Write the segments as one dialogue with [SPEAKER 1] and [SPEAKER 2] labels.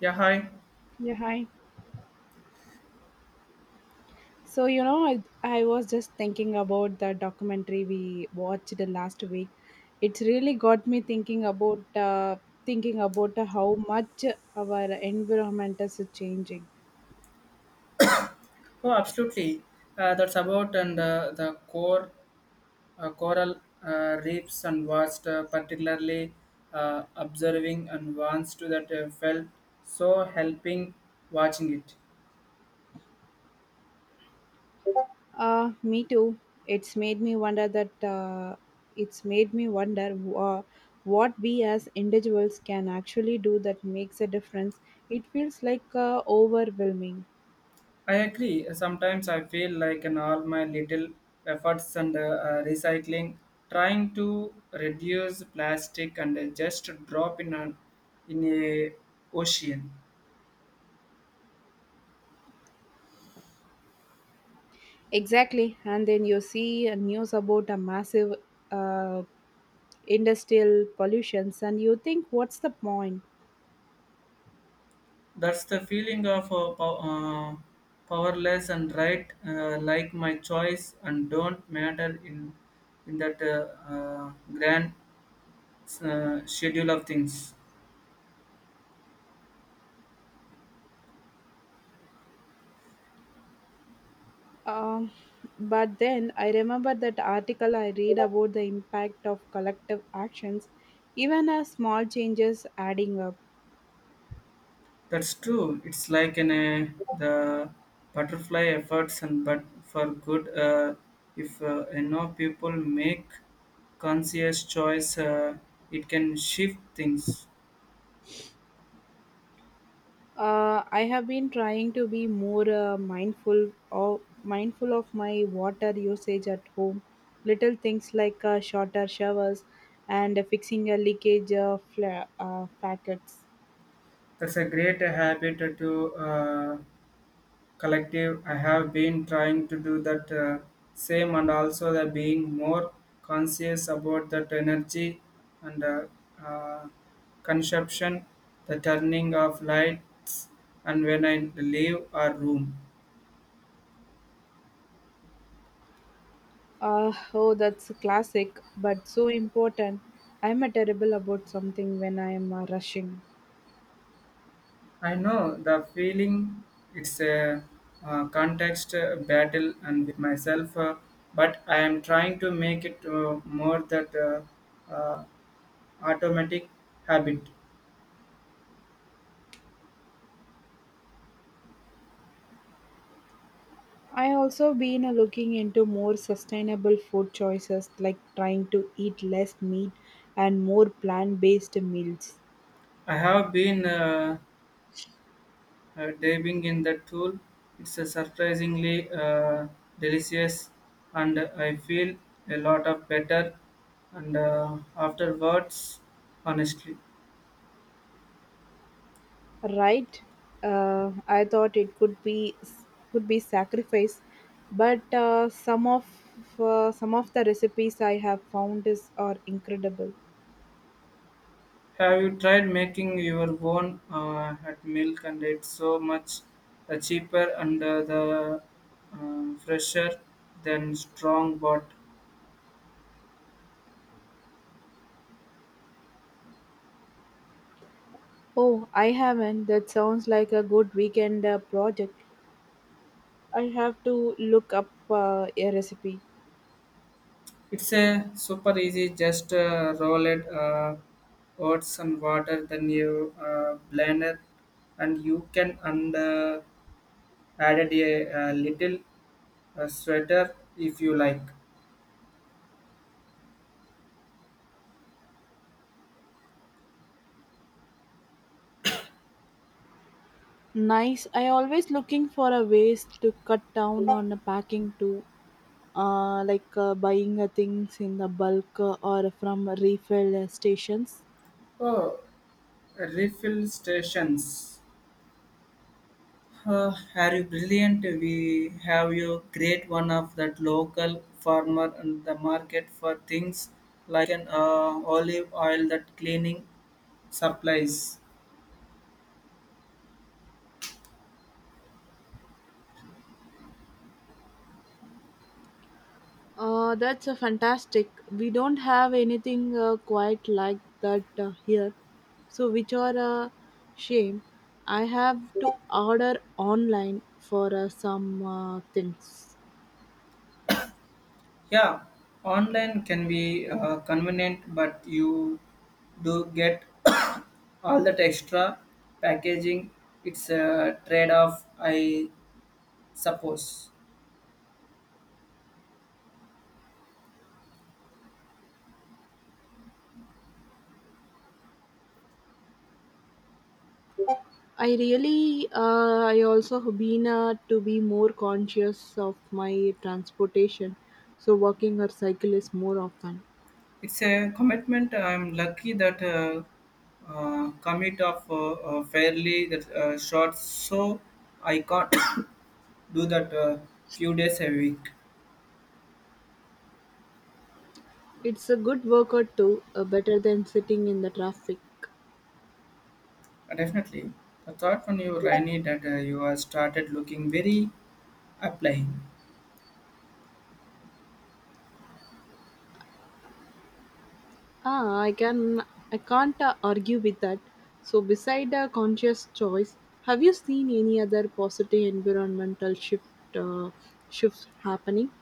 [SPEAKER 1] Yeah, hi.
[SPEAKER 2] Yeah, hi. So, you know, I was just thinking about the documentary we watched the last week. It really got me thinking about how much our environment is changing.
[SPEAKER 1] Oh, absolutely. That's about and the core coral reefs and was particularly observing and wants to that felt so helping watching it.
[SPEAKER 2] Me too. It's made me wonder that it's made me wonder what we as individuals can actually do that makes a difference. It feels like overwhelming.
[SPEAKER 1] I agree. Sometimes I feel like in all my little efforts and recycling, trying to reduce plastic and just drop in an in a ocean.
[SPEAKER 2] Exactly. And then you see news about a massive uh, industrial pollutions and you think, what's the point?
[SPEAKER 1] That's the feeling of powerless and right, like my choice and don't matter in that grand schedule of things.
[SPEAKER 2] Um, but then I remember that article I read about the impact of collective actions, even as small changes adding up.
[SPEAKER 1] That's true. It's like in a, the butterfly efforts and but for good. If enough people make conscious choice, it can shift things.
[SPEAKER 2] I have been trying to be more mindful of my water usage at home. Little things like shorter showers and fixing a leakage packets.
[SPEAKER 1] That's a great habit to collective. I have been trying to do that same and also the being more conscious about that energy and uh, consumption, the turning of lights and when I leave a room.
[SPEAKER 2] Oh, that's a classic, but so important. I'm a terrible about something when I am rushing.
[SPEAKER 1] I know the feeling. It's a context battle and with myself, but I am trying to make it more that uh, automatic habit.
[SPEAKER 2] I also been looking into more sustainable food choices, like trying to eat less meat and more plant-based meals.
[SPEAKER 1] I have been dabbing in that tool, it's a surprisingly delicious, and I feel a lot of better and afterwards. Honestly,
[SPEAKER 2] Right? I thought it could be sacrifice, but some of the recipes I have found is are incredible.
[SPEAKER 1] have you tried making your own at milk? And it's so much cheaper and the fresher than strong bought.
[SPEAKER 2] Oh, I haven't. That sounds like a good weekend project. I have to look up a recipe.
[SPEAKER 1] It's a super easy. Just roll it, oats and water, then you blend it, and you can and added a, little sweater if you like.
[SPEAKER 2] Nice. I always looking for a ways to cut down on the packing too. Like buying things in the bulk or from refill stations.
[SPEAKER 1] Oh, refill stations. Are you brilliant? We have you great one of that local farmer and the market for things like an olive oil that cleaning supplies.
[SPEAKER 2] That's a fantastic. We don't have anything quite like that here, so which are a shame. I have to order online for some things.
[SPEAKER 1] Yeah, online can be convenient, but you do get all that extra packaging. It's a trade off, I suppose.
[SPEAKER 2] I really, I also have been to be more conscious of my transportation, so walking or cycle is more often.
[SPEAKER 1] It's a commitment. I'm lucky that commit of fairly that short, so I can't do that few days a week.
[SPEAKER 2] It's a good workout too, better than sitting in the traffic.
[SPEAKER 1] Definitely. The thought when you Rainy that you are started looking very applying.
[SPEAKER 2] Ah, I can't argue with that. So beside a conscious choice, have you seen any other positive environmental uh, shifts happening?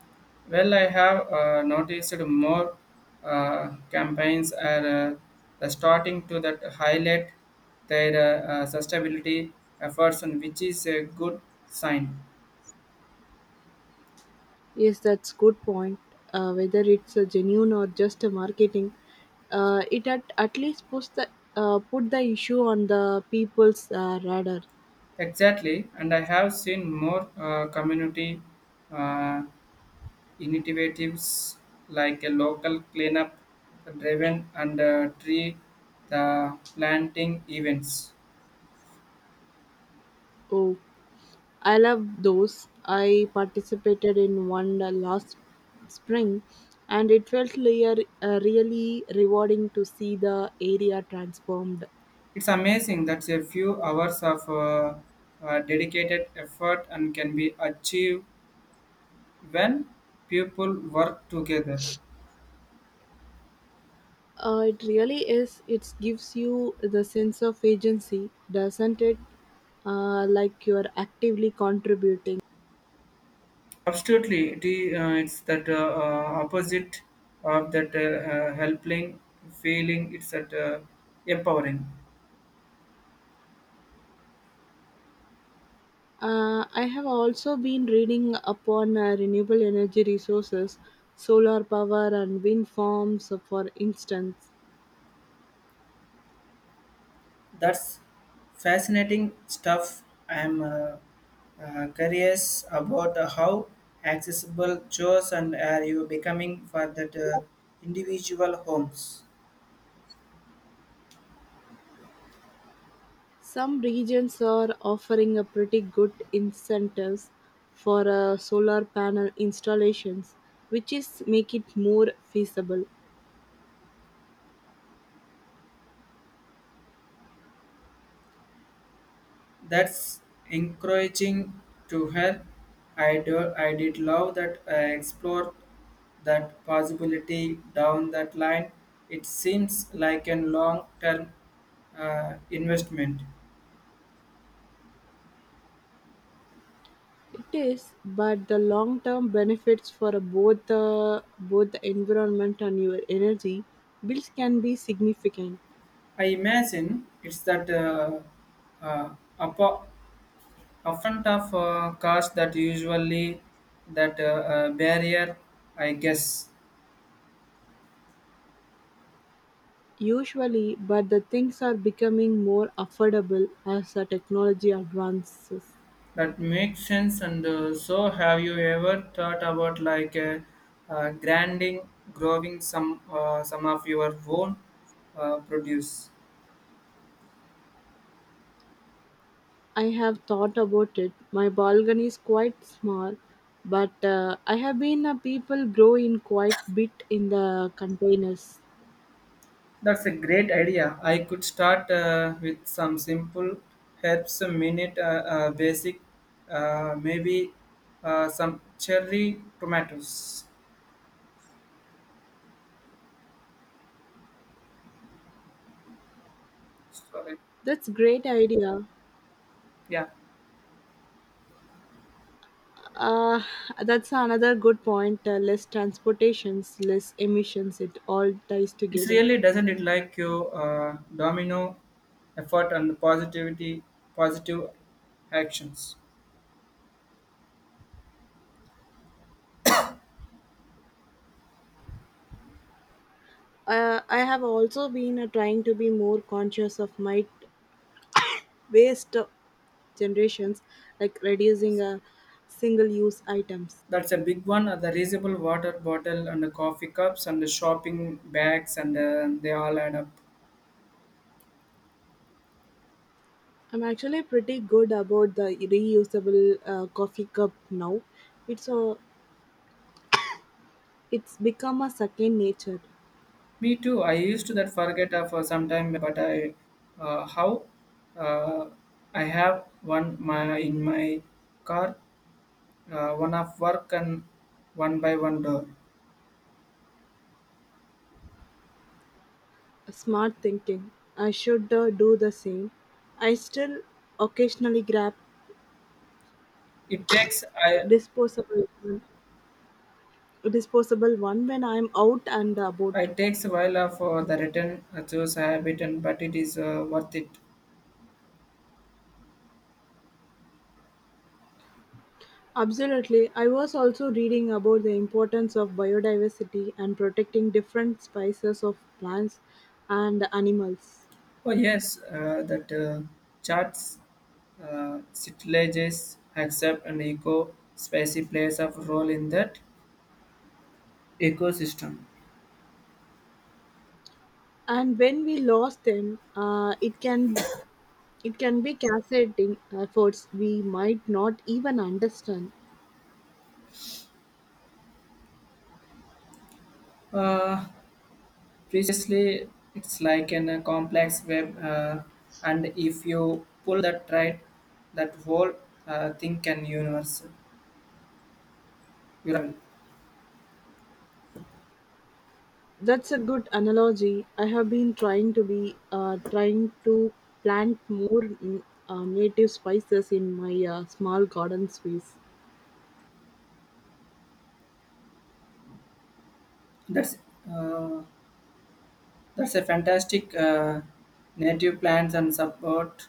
[SPEAKER 1] Well, I have noticed more campaigns are starting to that highlight their sustainability efforts, and which is a good sign.
[SPEAKER 2] Yes, that's good point. Whether it's a genuine or just a marketing, at least put the issue on the people's radar.
[SPEAKER 1] Exactly, and I have seen more community uh, initiatives like a local cleanup driven and tree the planting events.
[SPEAKER 2] Oh. I love those. I participated in one last spring and it felt really rewarding to see the area transformed.
[SPEAKER 1] It's amazing that a few hours of dedicated effort and can be achieved when people work together.
[SPEAKER 2] It really is. It gives you the sense of agency, doesn't it? Like you're actively contributing.
[SPEAKER 1] Absolutely, it is, it's that opposite of that helping feeling. It's that empowering.
[SPEAKER 2] I have also been reading upon renewable energy resources, solar power, and wind farms, for instance.
[SPEAKER 1] That's fascinating stuff. I'm curious about how accessible chores and are you becoming for that individual homes.
[SPEAKER 2] Some regions are offering a pretty good incentives for solar panel installations, which is make it more feasible.
[SPEAKER 1] That's encouraging to her. I did love that I explored that possibility down that line. It seems like a long term investment.
[SPEAKER 2] It is, but the long-term benefits for both the environment and your energy bills can be significant.
[SPEAKER 1] I imagine it's that uh, upper- upfront of cost that usually that barrier, I guess.
[SPEAKER 2] Usually, but the things are becoming more affordable as the technology advances.
[SPEAKER 1] That makes sense. And so, have you ever thought about like uh, grinding, growing some of your own produce?
[SPEAKER 2] I have thought about it. My balcony is quite small, but I have been a people grow in quite bit in the containers.
[SPEAKER 1] That's a great idea. I could start with some simple herbs, a minute basic, maybe some cherry tomatoes. Sorry.
[SPEAKER 2] That's great idea.
[SPEAKER 1] Yeah,
[SPEAKER 2] Uh, that's another good point. Less transportations, less emissions. It all ties
[SPEAKER 1] it's
[SPEAKER 2] together.
[SPEAKER 1] really doesn't it like your domino effort and positivity, positive actions.
[SPEAKER 2] I have also been trying to be more conscious of my waste generations, like reducing single-use items.
[SPEAKER 1] That's a big one. The reusable water bottle and the coffee cups and the shopping bags and they all add up.
[SPEAKER 2] I'm actually pretty good about the reusable coffee cup now. It's a, it's become a second nature.
[SPEAKER 1] Me too. I used to that forget for some time, but I how uh, I have one my in my car, one of work and one by one door.
[SPEAKER 2] A smart thinking. I should do the same. I still occasionally grab
[SPEAKER 1] It takes
[SPEAKER 2] disposable disposable one when I'm out and
[SPEAKER 1] I
[SPEAKER 2] about.
[SPEAKER 1] takes a while for the return those habit, and but it is worth it.
[SPEAKER 2] Absolutely. I was also reading about the importance of biodiversity and protecting different species of plants and animals.
[SPEAKER 1] Oh yes, that charts, sitilages, accept and eco spicy plays a role in that ecosystem.
[SPEAKER 2] And when we lost them, It can be cascading efforts we might not even understand.
[SPEAKER 1] Uh, Previously, it's like in a complex web, and if you pull that right, that whole thing can universe. Ural.
[SPEAKER 2] That's a good analogy. I have been trying to plant more native spices in my small garden space.
[SPEAKER 1] That's uh, that's a fantastic native plants and support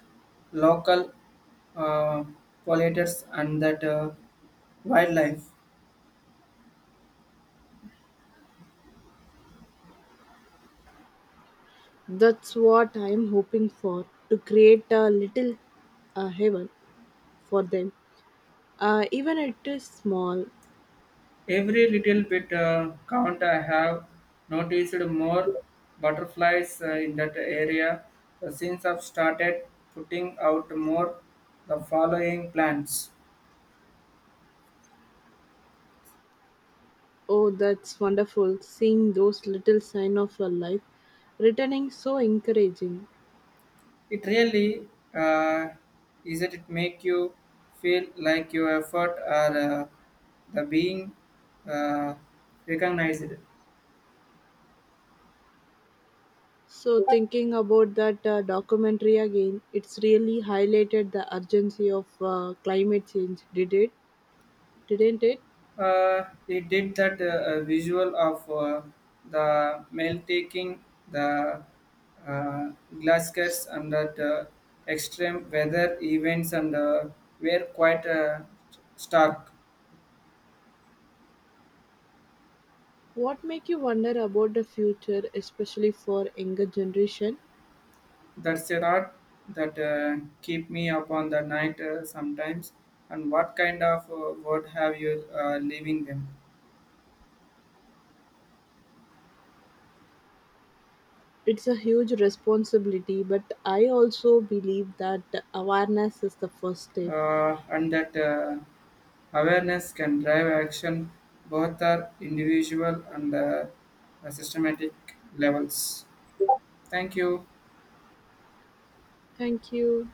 [SPEAKER 1] local uh, pollinators and that. Wildlife.
[SPEAKER 2] That's what I am hoping for to create a little heaven for them. Even it is small.
[SPEAKER 1] Every little bit count. I have noticed more butterflies in that area. So since I've started putting out more the following plants,
[SPEAKER 2] Oh, that's wonderful! Seeing those little sign of your life returning so encouraging.
[SPEAKER 1] it really uh, is that it make you feel like your effort are the being uh, recognized.
[SPEAKER 2] So, thinking about that documentary again, it's really highlighted the urgency of climate change, Didn't it?
[SPEAKER 1] It did that visual of the mail taking the uh, glaskers and that extreme weather events and were quite stark.
[SPEAKER 2] What make you wonder about the future, especially for younger generation?
[SPEAKER 1] That's a lot that keep me up on the night sometimes. And what kind of word have you leaving them?
[SPEAKER 2] It's a huge responsibility, but I also believe that awareness is the first step.
[SPEAKER 1] And that. Awareness can drive action both at individual and systematic levels. Thank you.
[SPEAKER 2] Thank you.